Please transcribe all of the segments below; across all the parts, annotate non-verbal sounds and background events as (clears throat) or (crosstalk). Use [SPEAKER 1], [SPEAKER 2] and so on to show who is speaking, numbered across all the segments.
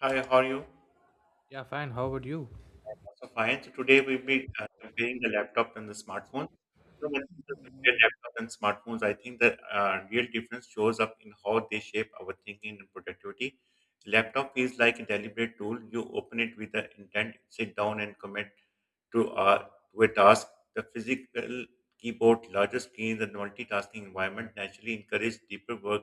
[SPEAKER 1] Hi, how are you?
[SPEAKER 2] Yeah, fine. How about you?
[SPEAKER 1] Also fine. So today we'll be comparing the laptop and the smartphone. You know, when people compare laptop and smartphones, I think the real difference shows up in how they shape our thinking and productivity. Laptop feels like a deliberate tool. You open it with the intent, sit down, and commit to, uh, to a task. The physical keyboard, larger screens, and multitasking environment naturally encourage deeper work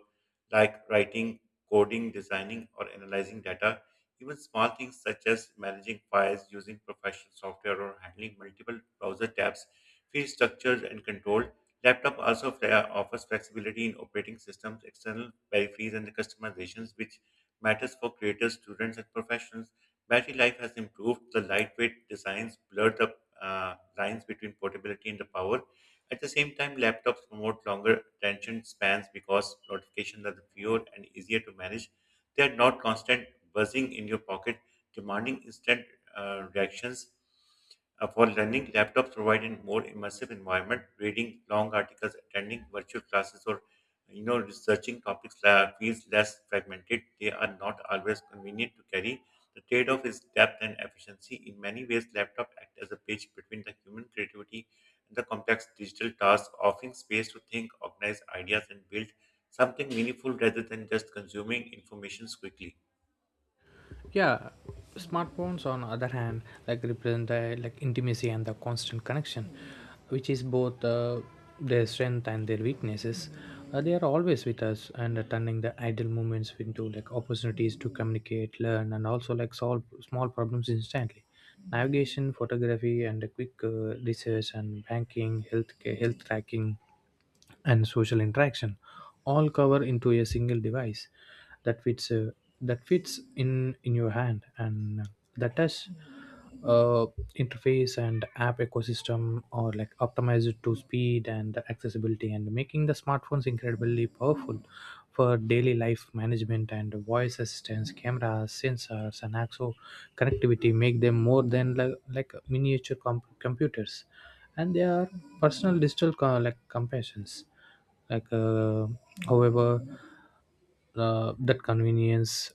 [SPEAKER 1] like writing, coding, designing, or analyzing data. Even small things such as managing files using professional software or handling multiple browser tabs feel structured and controlled. Laptop also offers flexibility in operating systems, external peripherals, and customizations, which matters for creators, students, and professionals. Battery life has improved. The lightweight designs blur the lines between portability and the power. At the same time, laptops promote longer attention spans because notifications are fewer and easier to manage. They are not constant buzzing in your pocket, demanding instant reactions. For learning, laptops provide a more immersive environment. Reading long articles, attending virtual classes, or you know, researching topics feels less fragmented. They are not always convenient to carry, the trade-off is depth and efficiency. In many ways, laptops act as a bridge between the human creativity and the complex digital tasks, offering space to think, organize ideas, and build something meaningful rather than just consuming information quickly.
[SPEAKER 2] Yeah, smartphones on other hand like represent the like intimacy and the constant connection, which is both their strength and their weaknesses. They are always with us and turning the idle moments into like opportunities to communicate, learn, and also like solve small problems instantly. Navigation, photography, and a quick research and banking, healthcare, health tracking and social interaction all cover into a single device that fits uh, that fits in your hand and the touch uh, interface and app ecosystem are like optimized to speed and accessibility and making the smartphones incredibly powerful for daily life management and voice assistance cameras sensors and also connectivity make them more than like miniature computers and they are personal digital like compassions like uh, however, that convenience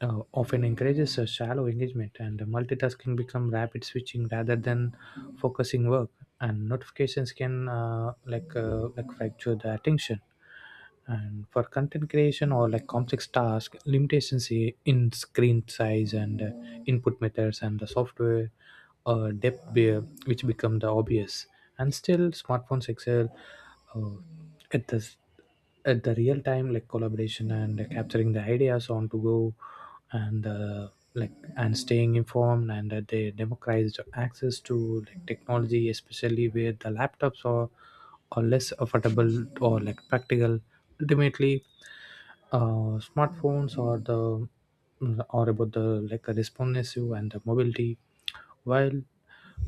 [SPEAKER 2] often encourages a shallow engagement and multitasking become rapid switching rather than focusing work and notifications can like fracture the attention and for content creation or like complex task limitations in screen size and input methods and the software uh, depth be- which become the obvious and still smartphones excel uh, at at the real time like collaboration and capturing the ideas on to go and like and staying informed and that they democratized access to like technology, especially where the laptops are or less affordable or like practical. Ultimately, smartphones are the are about the like responsive and the mobility, while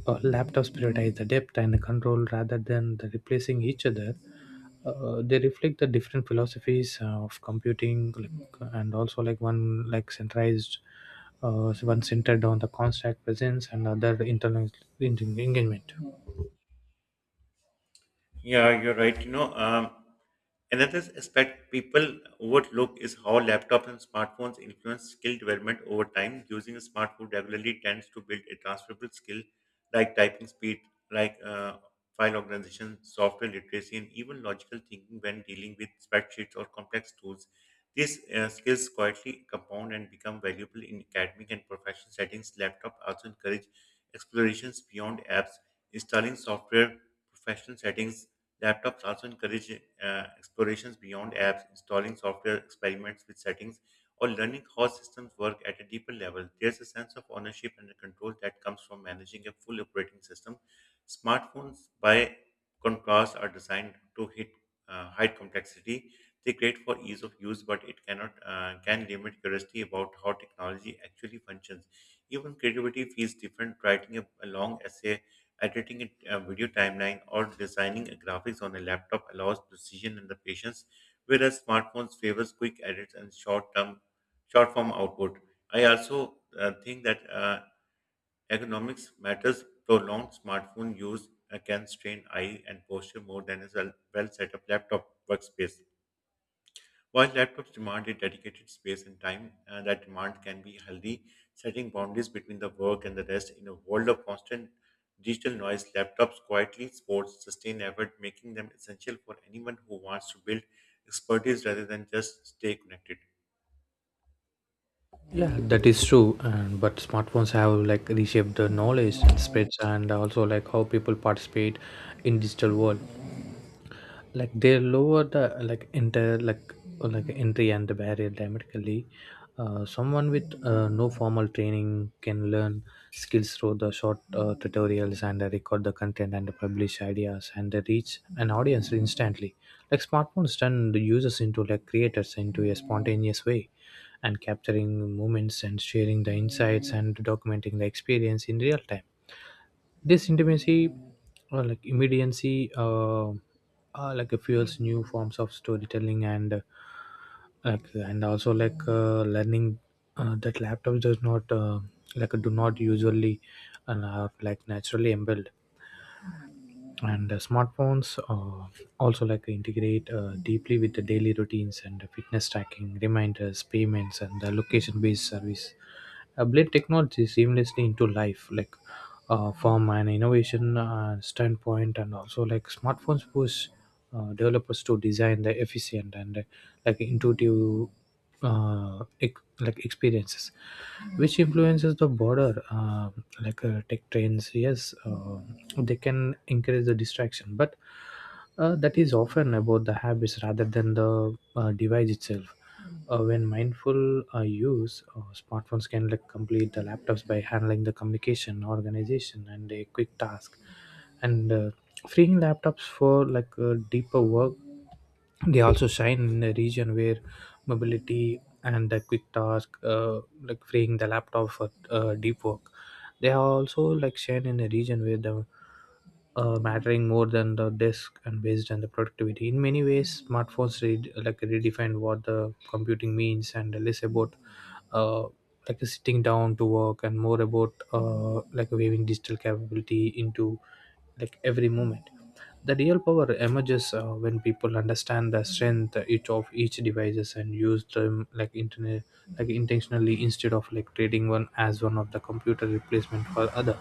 [SPEAKER 2] laptops prioritize the depth and the control rather than the replacing each other. They reflect the different philosophies of computing, like, and also like one like centralized, one centered on the constant presence and other internal engagement.
[SPEAKER 1] Yeah, you're right. Another aspect people overlook is how laptops and smartphones influence skill development over time. Using a smartphone regularly tends to build a transferable skill like typing speed, like uh, file organization, software literacy, and even logical thinking when dealing with spreadsheets or complex tools. These skills quietly compound and become valuable in academic and professional settings. Laptop also encourage explorations beyond apps, installing software professional settings Laptops also encourage explorations beyond apps, installing software, experiments with settings, or learning how systems work at a deeper level. There's a sense of ownership and control that comes from managing a full operating system. Smartphones, by contrast, are designed to hide complexity. They create for ease of use, but it cannot can limit curiosity about how technology actually functions. Even creativity feels different. Writing a long essay editing a video timeline, or designing a graphics on a laptop allows precision and the patience, whereas smartphones favors quick edits and short-form output. I also think that economics matters. Prolonged smartphone use can strain eye and posture more than a well-set up laptop workspace. While laptops demand a dedicated space and time, that demand can be healthy, setting boundaries between the work and the rest in a world of constant digital noise. Laptops quietly support sustained effort, making them essential for anyone who wants to build expertise rather than just stay connected.
[SPEAKER 2] Yeah, that is true. And but smartphones have like reshaped the knowledge and spreads and also like how people participate in digital world, like they lower the like enter like entry and the barrier dramatically. Someone with no formal training can learn skills through the short tutorials and record the content and publish ideas and reach an audience instantly. Like smartphones turn the users into like creators into a spontaneous way, and capturing moments and sharing the insights and documenting the experience in real time. This intimacy or like immediacy, like it fuels new forms of storytelling and like and also like learning that laptops does not like do not usually, and are like naturally embedded. And smartphones also like integrate deeply with the daily routines and fitness tracking reminders payments and the location based service. Blend technology seamlessly into life, like from an innovation standpoint and also like smartphones push developers to design the efficient and like intuitive like experiences which influences the border like tech trends. Yes, they can increase the distraction, but that is often about the habits rather than the device itself. When mindful use, smartphones can like complete the laptops by handling the communication organization and a quick task, and freeing laptops for like deeper work. They also shine in a region where mobility and a quick task, like freeing the laptop for deep work. They are also like shine in a region where the mattering more than the desk and based on the productivity. In many ways, smartphones like redefine what the computing means, and less about uh, like sitting down to work and more about like weaving digital capability into like every moment. The real power emerges when people understand the strength each of each devices and use them like internet like intentionally instead of like trading one as one of the computer replacement for other.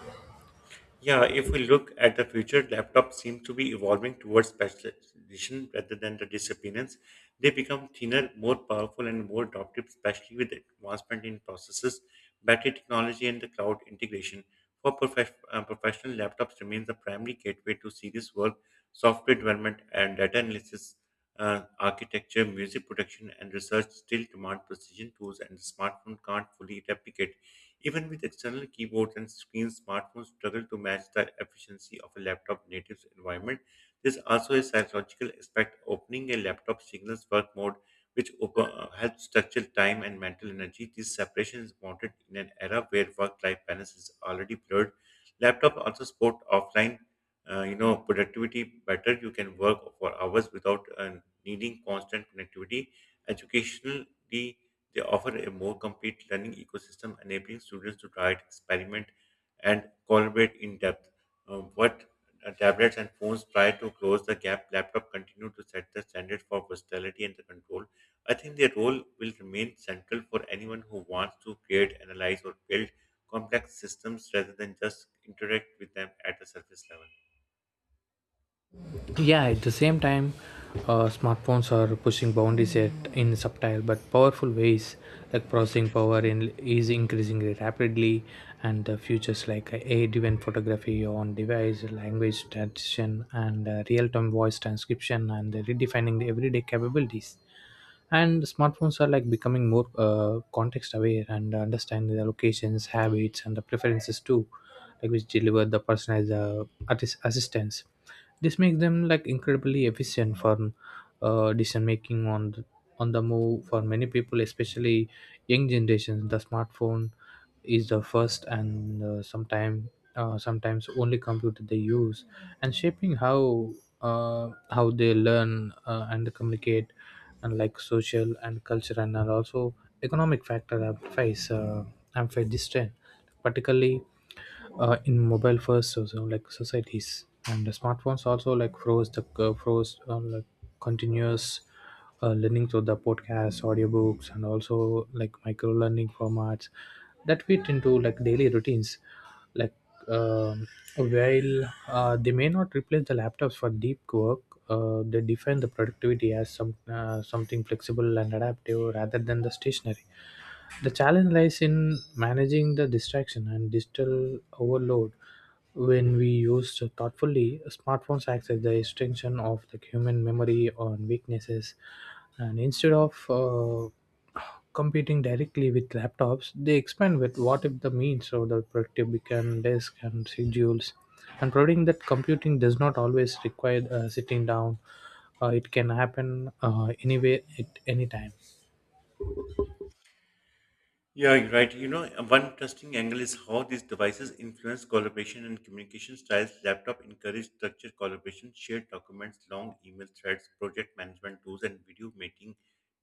[SPEAKER 1] Yeah, if we look at the future, laptops seem to be evolving towards specialization rather than the disappearance. They become thinner, more powerful, and more adaptive, especially with advancement in processors, battery technology, and the cloud integration. For professional, laptops remain the primary gateway to serious work, software development, and data analysis, architecture, music production, and research still demand precision tools, and the smartphone can't fully replicate even with external keyboards and screens, smartphones struggle to match the efficiency of a laptop native's environment. There's also a psychological aspect. Opening a laptop signals work mode, which helps structure time and mental energy. This separation is wanted in an era where work-life balance is already blurred. Laptop also support offline, you know, productivity better. You can work for hours without needing constant connectivity. Educationally they offer a more complete learning ecosystem, enabling students to try, experiment, and collaborate in depth. What tablets and phones try to close the gap, laptop continue to set the standard for versatility and the control. I think their role will remain central for anyone who wants to create, analyze, or build complex systems rather than just interact with them at the surface level.
[SPEAKER 2] Yeah, at the same time, smartphones are pushing boundaries in subtle but powerful ways, like processing power is increasing rapidly. And the futures like AI driven photography on device language transition and real-time voice transcription and redefining the everyday capabilities. And smartphones are like becoming more context aware and understand their locations habits and the preferences too, like which deliver the personalized assistance. This makes them like incredibly efficient for decision making on the move. For many people, especially young generations, the smartphone is the first and sometimes only computer they use, and shaping how they learn and communicate, and like social and cultural and also economic factor. I face this trend particularly in mobile first, like societies. And the smartphones also like froze like continuous learning through the podcasts audiobooks and also like micro learning formats that fit into like daily routines. like um while they may not replace the laptops for deep work, they define the productivity as something flexible and adaptive rather than the stationary. The challenge lies in managing the distraction and digital overload. When we use thoughtfully, smartphones access the extension of the human memory on weaknesses, and instead of competing directly with laptops, they expand with what if the means of the productive become desk and schedules, and providing that computing does not always require sitting down. It can happen anyway at any time.
[SPEAKER 1] Yeah, you're right. You know, one interesting angle is how these devices influence collaboration and communication styles. Laptop encourage structured collaboration, shared documents, long email threads, project management tools, and video meeting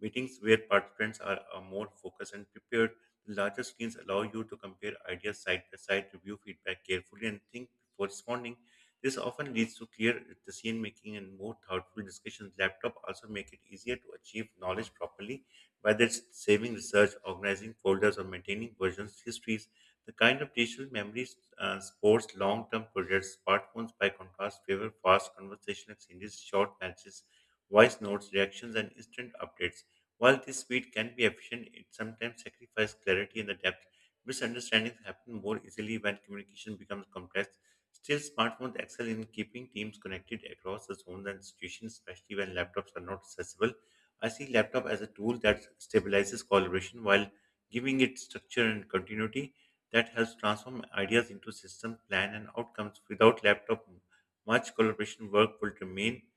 [SPEAKER 1] meetings where participants are more focused and prepared. The larger screens allow you to compare ideas side by side, review feedback carefully, and think before responding. This often leads to clear decision making and more thoughtful discussions. Laptop also make it easier to achieve knowledge properly whether it's saving research, organizing folders, or maintaining versions, histories, the kind of digital memories sports long-term projects. Smartphones, by contrast, favor fast conversation exchanges, short matches, voice notes, reactions, and instant updates. While this speed can be efficient, it sometimes sacrifices clarity and the depth. Misunderstandings happen more easily when communication becomes complex. Still, smartphones excel in keeping teams connected across the zones and institutions, especially when laptops are not accessible. I see laptop as a tool that stabilizes collaboration while giving it structure and continuity that helps transform ideas into system plan and outcomes. Without laptop, much collaboration work will remain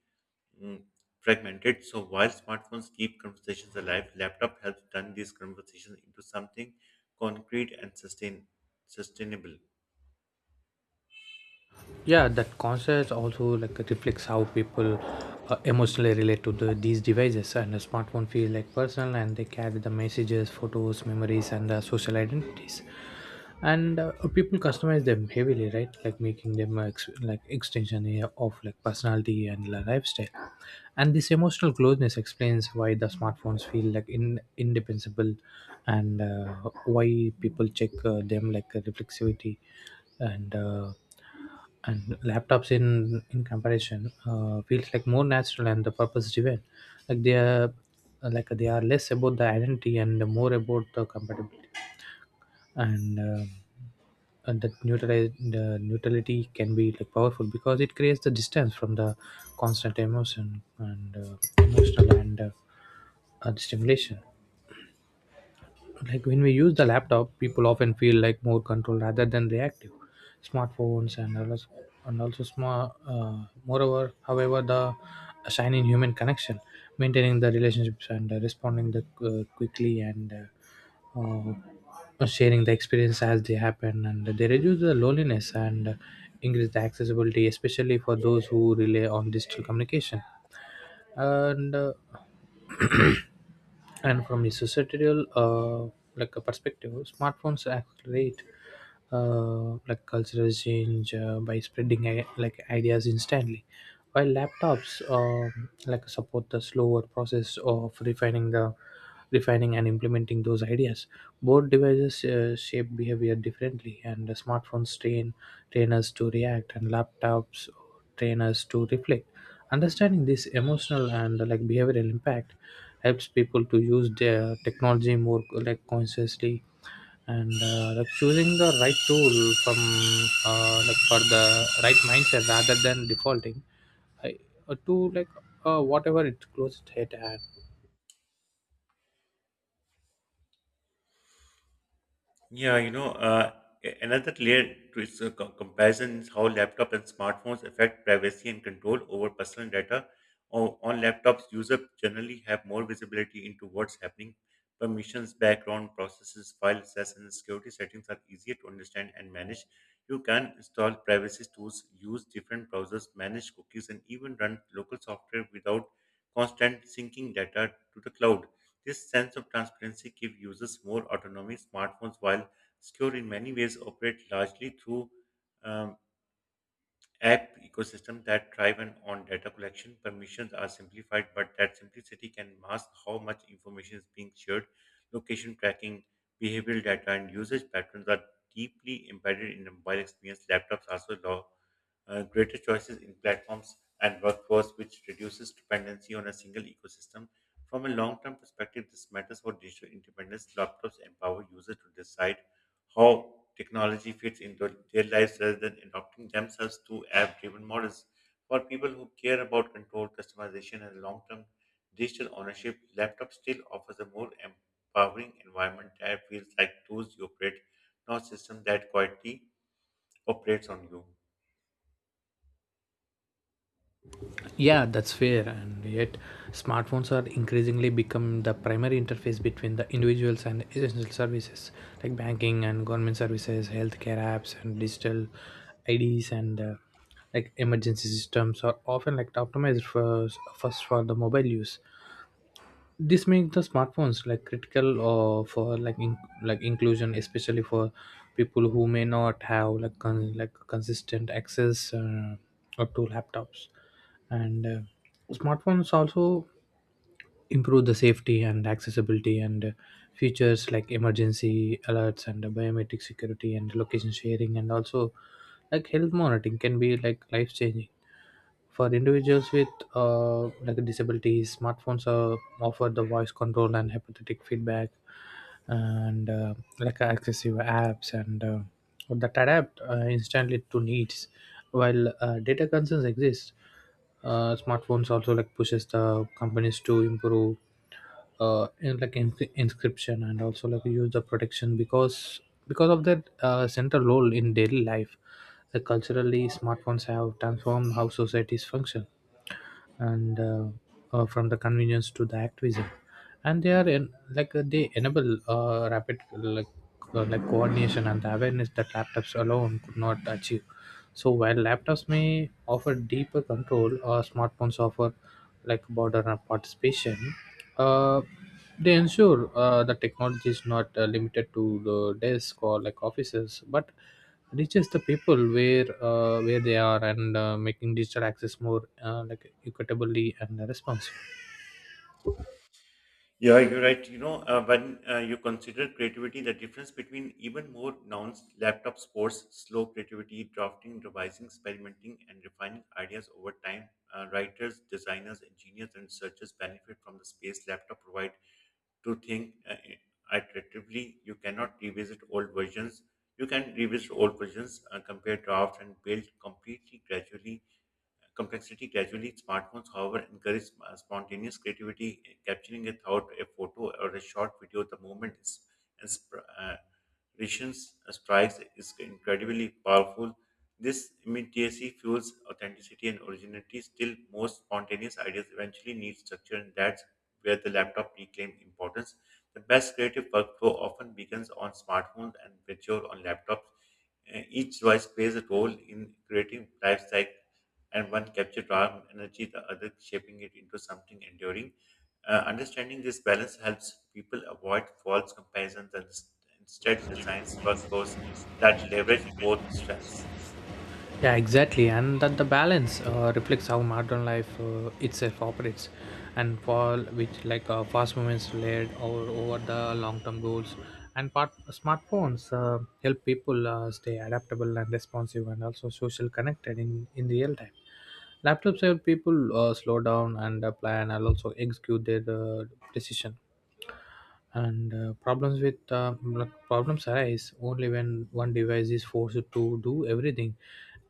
[SPEAKER 1] mm, fragmented. So while smartphones keep conversations alive, laptop helps turn these conversations into something concrete and sustainable.
[SPEAKER 2] Yeah, that concept also like reflects how people emotionally relate to these devices. And a smartphone feel like personal and they carry the messages photos memories and social identities. And people customize them heavily, right, like making them like extension here of like personality and lifestyle. And this emotional closeness explains why the smartphones feel like in indefensible, and why people check them like reflexivity. And uh, and laptops in comparison feels like more natural and the purpose driven, like they are like they are less about the identity and more about the compatibility. and um and that neutralize the neutrality can be like powerful because it creates the distance from the constant emotion, and emotional and stimulation. Like when we use the laptop, people often feel like more control rather than reactive smartphones and others. And also small, moreover however the sign in human connection maintaining the relationships, and responding the quickly, and sharing the experience as they happen, and they reduce the loneliness, and increase the accessibility especially for those who rely on digital communication. And (clears throat) and from the societal like a perspective, smartphones accelerate like cultural change by spreading like ideas instantly, while laptops like support the slower process of refining and implementing those ideas. Both devices shape behavior differently, and the smartphones train us to react, and laptops train us to reflect. Understanding this emotional and like behavioral impact helps people to use their technology more like consciously, and like choosing the right tool from like for the right mindset rather than defaulting I, to like whatever it closest hit. And
[SPEAKER 1] Yeah, you know, another layer to its comparison is how laptops and smartphones affect privacy and control over personal data. On laptops, users generally have more visibility into what's happening. Permissions, background processes, file access, and security settings are easier to understand and manage. You can install privacy tools, use different browsers, manage cookies, and even run local software without constant syncing data to the cloud. This sense of transparency gives users more autonomy. Smartphones, while secure in many ways, operate largely through um, app ecosystem that thrive on data collection. Permissions are simplified, but that simplicity can mask how much information is being shared. Location tracking, behavioral data, and usage patterns are deeply embedded in the mobile experience. Laptops also allow greater choices in platforms and workflows, which reduces dependency on a single ecosystem. From a long term perspective, this matters for digital independence. Laptops empower users to decide how technology fits into their lives rather than adopting themselves to app driven models. For people who care about control, customization, and long term digital ownership, laptops still offers a more empowering environment that feels like tools you operate, not system that quietly operates on you.
[SPEAKER 2] yeah, that's fair, and yet smartphones are increasingly become the primary interface between the individuals and essential services, like banking and government services healthcare apps and digital ids, and like emergency systems are often like optimized for first for the mobile use. This makes the smartphones like critical for like inclusion, especially for people who may not have like consistent access up to laptops. And smartphones also improve the safety and accessibility, and features like emergency alerts and biometric security and location sharing and also like health monitoring can be like life changing. For individuals with like disabilities, smartphones offer the voice control and hypothetic feedback, and like accessive apps, and that adapt instantly to needs. While data concerns exist, smartphones also like pushes the companies to improve inscription and also like use the protection, because of that central role in daily life. Like culturally, smartphones have transformed how societies function, and from the convenience to the activism, and they are in like they enable rapid like like coordination and the awareness that laptops alone could not achieve. So while laptops may offer deeper control, smartphones offer like border and participation. uh, they ensure the technology is not limited to the desk or like offices, but reaches the people where they are, and making digital access more like equitably and responsive.
[SPEAKER 1] Yeah, you're right. You know, when you consider creativity, the difference between even more nouns, laptop sports, slow creativity, drafting, revising, experimenting, and refining ideas over time. Writers, designers, engineers, and researchers benefit from the space laptop provide to think iteratively. You cannot revisit old versions. You can revisit old versions, compare drafts, and build completely gradually complexity gradually. Smartphones, however, encourage spontaneous creativity, capturing a thought, a photo or a short video. The moment is inspiration's strikes is incredibly powerful. This immediacy fuels authenticity and originality. Still, most spontaneous ideas eventually need structure, and that's where the laptop reclaim importance. The best creative workflow often begins on smartphones and mature on laptops. Each device plays a role in creating life cycle and one captured raw energy, the other shaping it into something enduring. Understanding this balance helps people avoid false comparisons and instead designs workflows that leverage both strengths.
[SPEAKER 2] Yeah, exactly, and that the balance reflects how modern life itself operates, and for which like fast movements laid over the long-term goals, and smartphones help people stay adaptable and responsive, and also social connected in real time. Laptops help people slow down and plan and also execute their decision and problems with problems arise only when one device is forced to do everything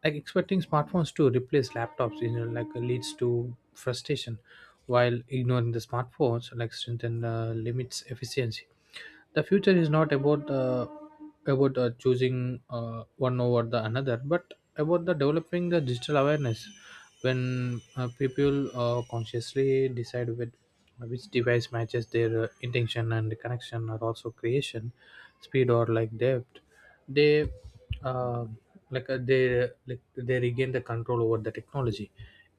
[SPEAKER 2] like expecting smartphones to replace laptops like leads to frustration while ignoring the smartphones like strengthen limits efficiency. The future is not about choosing one over the another but about the developing the digital awareness. When people consciously decide with which device matches their intention and connection or also creation speed or like depth, they uh, like uh, they they regain the control over the technology.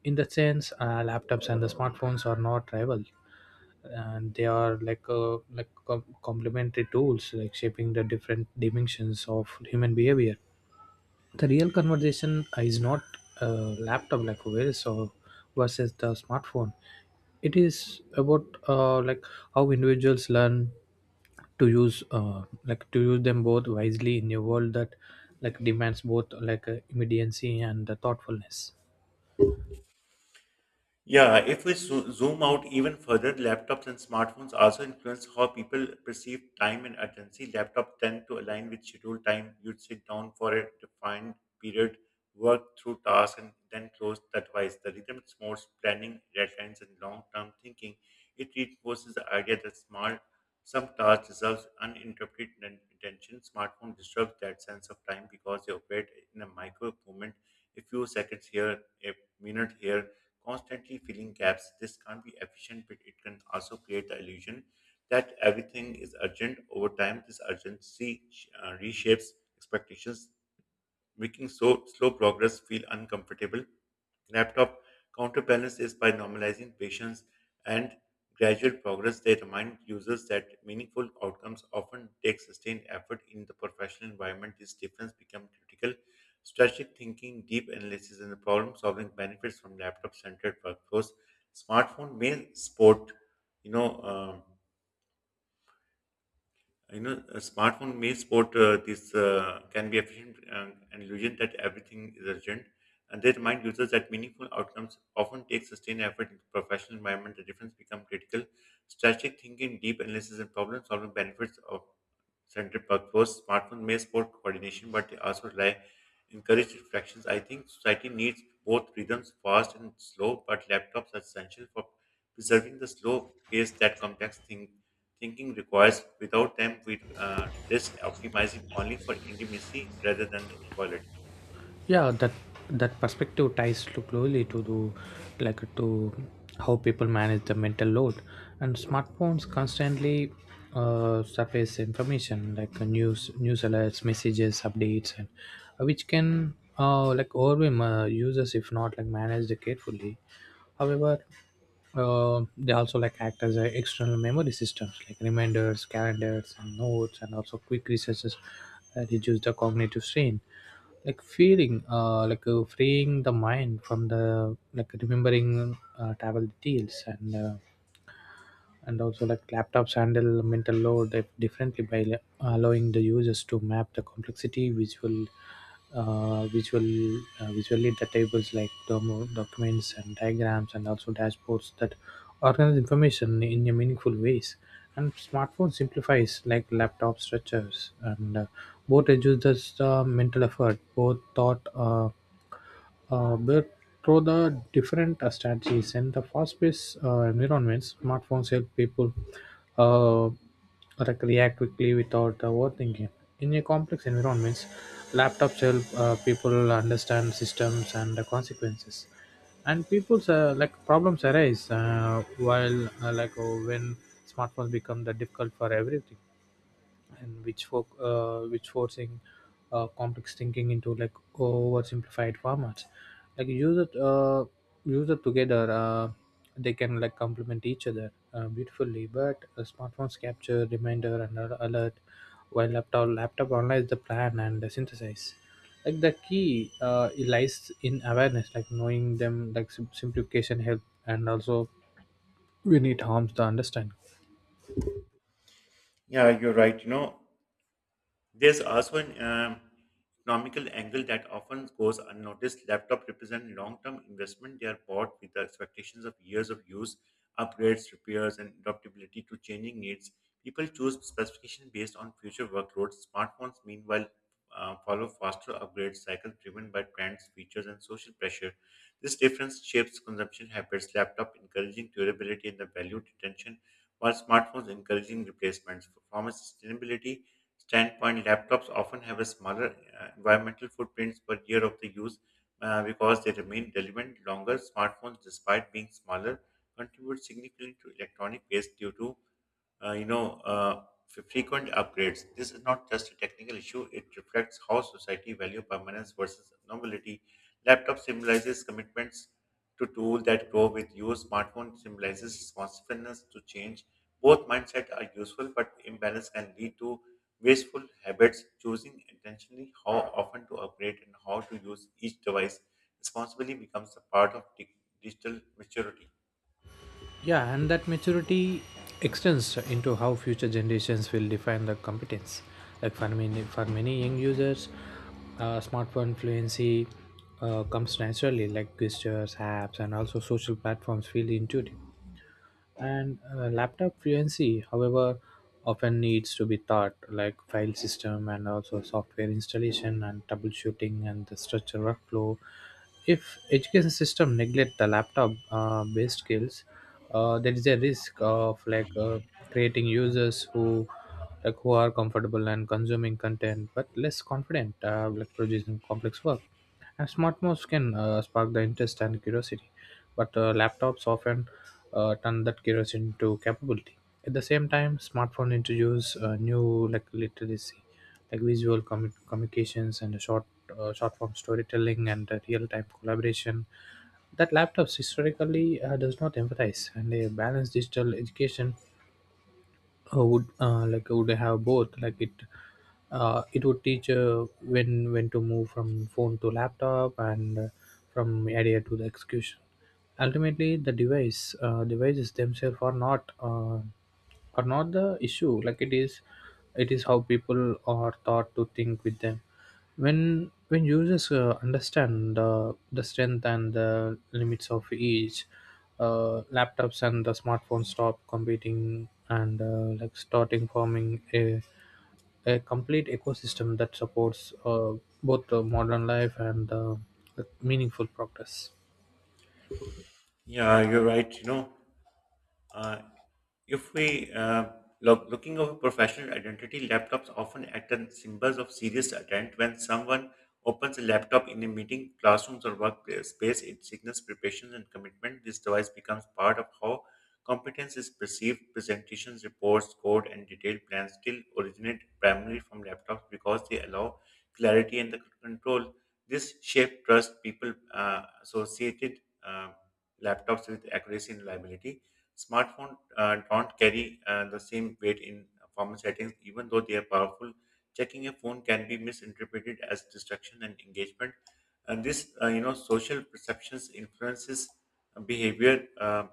[SPEAKER 2] In that sense, laptops and the smartphones are not rival, and they are like complementary tools like shaping the different dimensions of human behavior. The real conversation is not a laptop like versus the smartphone. It is about how individuals learn to use like to use them both wisely in a world that like demands both like immediacy and the thoughtfulness.
[SPEAKER 1] Yeah, if we zoom out even further, laptops and smartphones also influence how people perceive time and urgency. Laptops tend to align with scheduled time. You'd sit down for a defined period, work through tasks, and then close the device. The rhythm promotes planning, deadlines, and long-term thinking. It reinforces the idea that small some tasks deserves uninterrupted attention. Smartphone disturbs that sense of time because they operate in a micro moment, a few seconds here, a minute here, constantly filling gaps. This can't be efficient, but it can also create the illusion that everything is urgent. Over time, this urgency reshapes expectations making so slow progress feel uncomfortable. Laptop counterbalance is by normalizing patience and gradual progress. They remind users that meaningful outcomes often take sustained effort in the professional environment. This difference becomes critical. Strategic thinking, deep analysis, and the problem solving benefits from laptop centered workforce. Smartphone may support, you know. You know, a smartphone may sport this can be efficient an illusion that everything is urgent, and they remind users that meaningful outcomes often take sustained effort in the professional environment. The difference becomes critical. Strategic thinking, deep analysis, and problem solving benefits of centered purpose. Smartphones may support coordination, but they also rely encourage reflections. I think society needs both rhythms, fast and slow, but laptops are essential for preserving the slow pace that thinking requires. Without them, we risk optimizing only for intimacy rather than the equality.
[SPEAKER 2] Yeah, that perspective ties to closely to the like to how people manage the mental load. And smartphones constantly surface information like news alerts messages updates and which can overwhelm users if not like managed carefully. However, they also like act as a external memory systems like reminders, calendars, and notes, and also quick researches that reduce the cognitive strain. Like feeling, freeing the mind from the like remembering travel details and also like laptops handle mental load differently by allowing the users to map the complexity uh, visual visually the tables like documents and diagrams and also dashboards that organize information in a meaningful ways. And smartphone simplifies like laptop structures and both reduces the mental effort both thought but through the different strategies and the fast-paced environments, smartphones help people uh, like react quickly without overthinking. In a complex environments, laptops help people understand systems and the consequences. And people's problems arise while like when smartphones become the difficult for everything, and which forcing complex thinking into like oversimplified formats. Like use it, uh, Use it together. They can like complement each other beautifully. But smartphones capture reminder and alert, while laptop analyze the plan and synthesize. Like the key lies in awareness, like knowing them, like simplification help, and also when it harms the understanding.
[SPEAKER 1] Yeah, you're right. You know, there's also an economical angle that often goes unnoticed. Laptops represent long-term investment. They are bought with the expectations of years of use, upgrades, repairs, and adaptability to changing needs. People choose specification based on future workloads. Smartphones, meanwhile, follow faster upgrade cycles driven by trends, features, and social pressure. This difference shapes consumption habits. Laptop encouraging durability and the value retention, while smartphones encouraging replacements. Performance sustainability standpoint, laptops often have a smaller environmental footprints per year of the use because they remain relevant longer. Smartphones, despite being smaller, contribute significantly to electronic waste due to uh, you know, uh, frequent upgrades. This is not just a technical issue; it reflects how society value permanence versus novelty. Laptop symbolizes commitments to tool that grow with use. Smartphone symbolizes responsiveness to change. Both mindset are useful, but imbalance can lead to wasteful habits. Choosing intentionally how often to upgrade and how to use each device responsibly becomes a part of digital maturity.
[SPEAKER 2] Yeah, and that maturity extends into how future generations will define the competence. Like for many young users, smartphone fluency comes naturally, like gestures, apps, and also social platforms feel intuitive. And laptop fluency, however, often needs to be taught, like file system and also software installation and troubleshooting and the structure workflow. If education system neglect the laptop based skills, there is a risk of creating users who like who are comfortable and consuming content but less confident, like producing complex work. And smart modes can spark the interest and curiosity, but laptops often turn that curiosity into capability. At the same time, smartphone introduce new like literacy, like visual communications and short form storytelling and real time collaboration that laptops historically does not emphasize, and a balanced digital education would like would have both like it would teach when to move from phone to laptop and from idea to the execution. Ultimately the device devices themselves are not the issue. Like it is how people are taught to think with them. When users understand the strength and the limits of each, laptops and the smartphones stop competing and like starting forming a complete ecosystem that supports both modern life and meaningful progress.
[SPEAKER 1] Yeah, you're right. You know, uh, If we looking over professional identity, laptops often act as symbols of serious intent. When someone opens a laptop in a meeting, classrooms, or workspace, it signals preparation and commitment. This device becomes part of how competence is perceived. Presentations, reports, code, and detailed plans still originate primarily from laptops because they allow clarity and the control. This shape trust people associated laptops with accuracy and reliability. Smartphones don't carry the same weight in formal settings, even though they are powerful. Checking a phone can be misinterpreted as distraction and engagement. And this, you know, social perceptions influences behavior,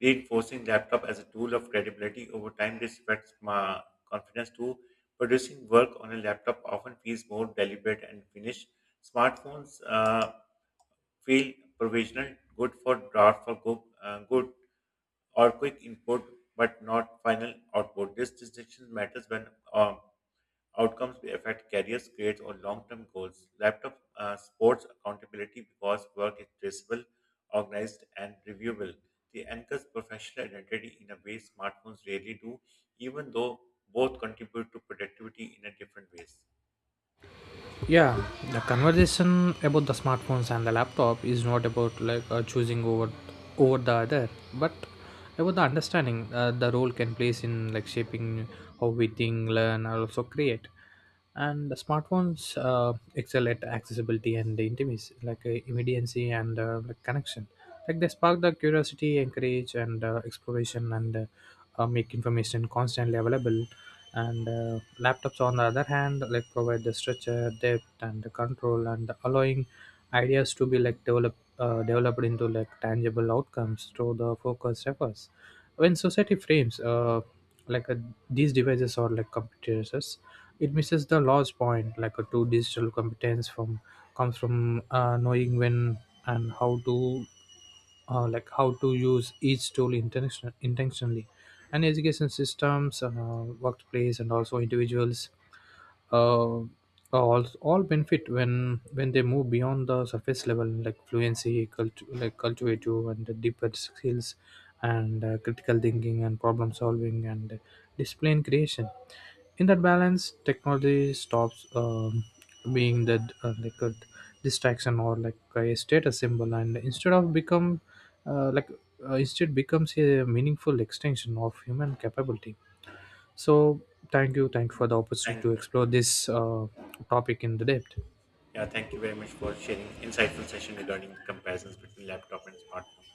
[SPEAKER 1] reinforcing laptop as a tool of credibility over time. This affects my confidence too. Producing work on a laptop often feels more deliberate and finished. Smartphones feel provisional, good for good or quick input but not final output. This distinction matters when um, outcomes affect careers, grades, or long-term goals. Laptop supports accountability because work is traceable, organized, and reviewable. They anchors professional identity in a way smartphones rarely do, even though both contribute to productivity in a different ways.
[SPEAKER 2] Yeah, the conversation about the smartphones and the laptop is not about choosing over the other, but about the understanding the role can plays in like shaping how we think, learn, and also create. And the smartphones excel at accessibility and the intimacy, like immediacy and like connection. Like they spark the curiosity, encourage, and exploration, and make information constantly available. And laptops on the other hand like provide the structure depth and the control, and allowing ideas to be like developed into like tangible outcomes through the focused efforts. When society frames like uh these devices or like computers, it misses the large point. Like a two digital competence from comes from knowing when and how to how to use each tool intentionally. And education systems, workplace and also individuals, uh, all benefit when they move beyond the surface level like fluency cultivative and the deeper skills and critical thinking and problem solving and display and creation. In that balance technology stops being the like a distraction or like a status symbol, and uh, like instead becomes a meaningful extension of human capability. So thank you for the opportunity to
[SPEAKER 1] Thank you.
[SPEAKER 2] explore this topic in the depth.
[SPEAKER 1] Yeah, thank you very much for sharing insightful session regarding the comparisons between laptop and smartphone.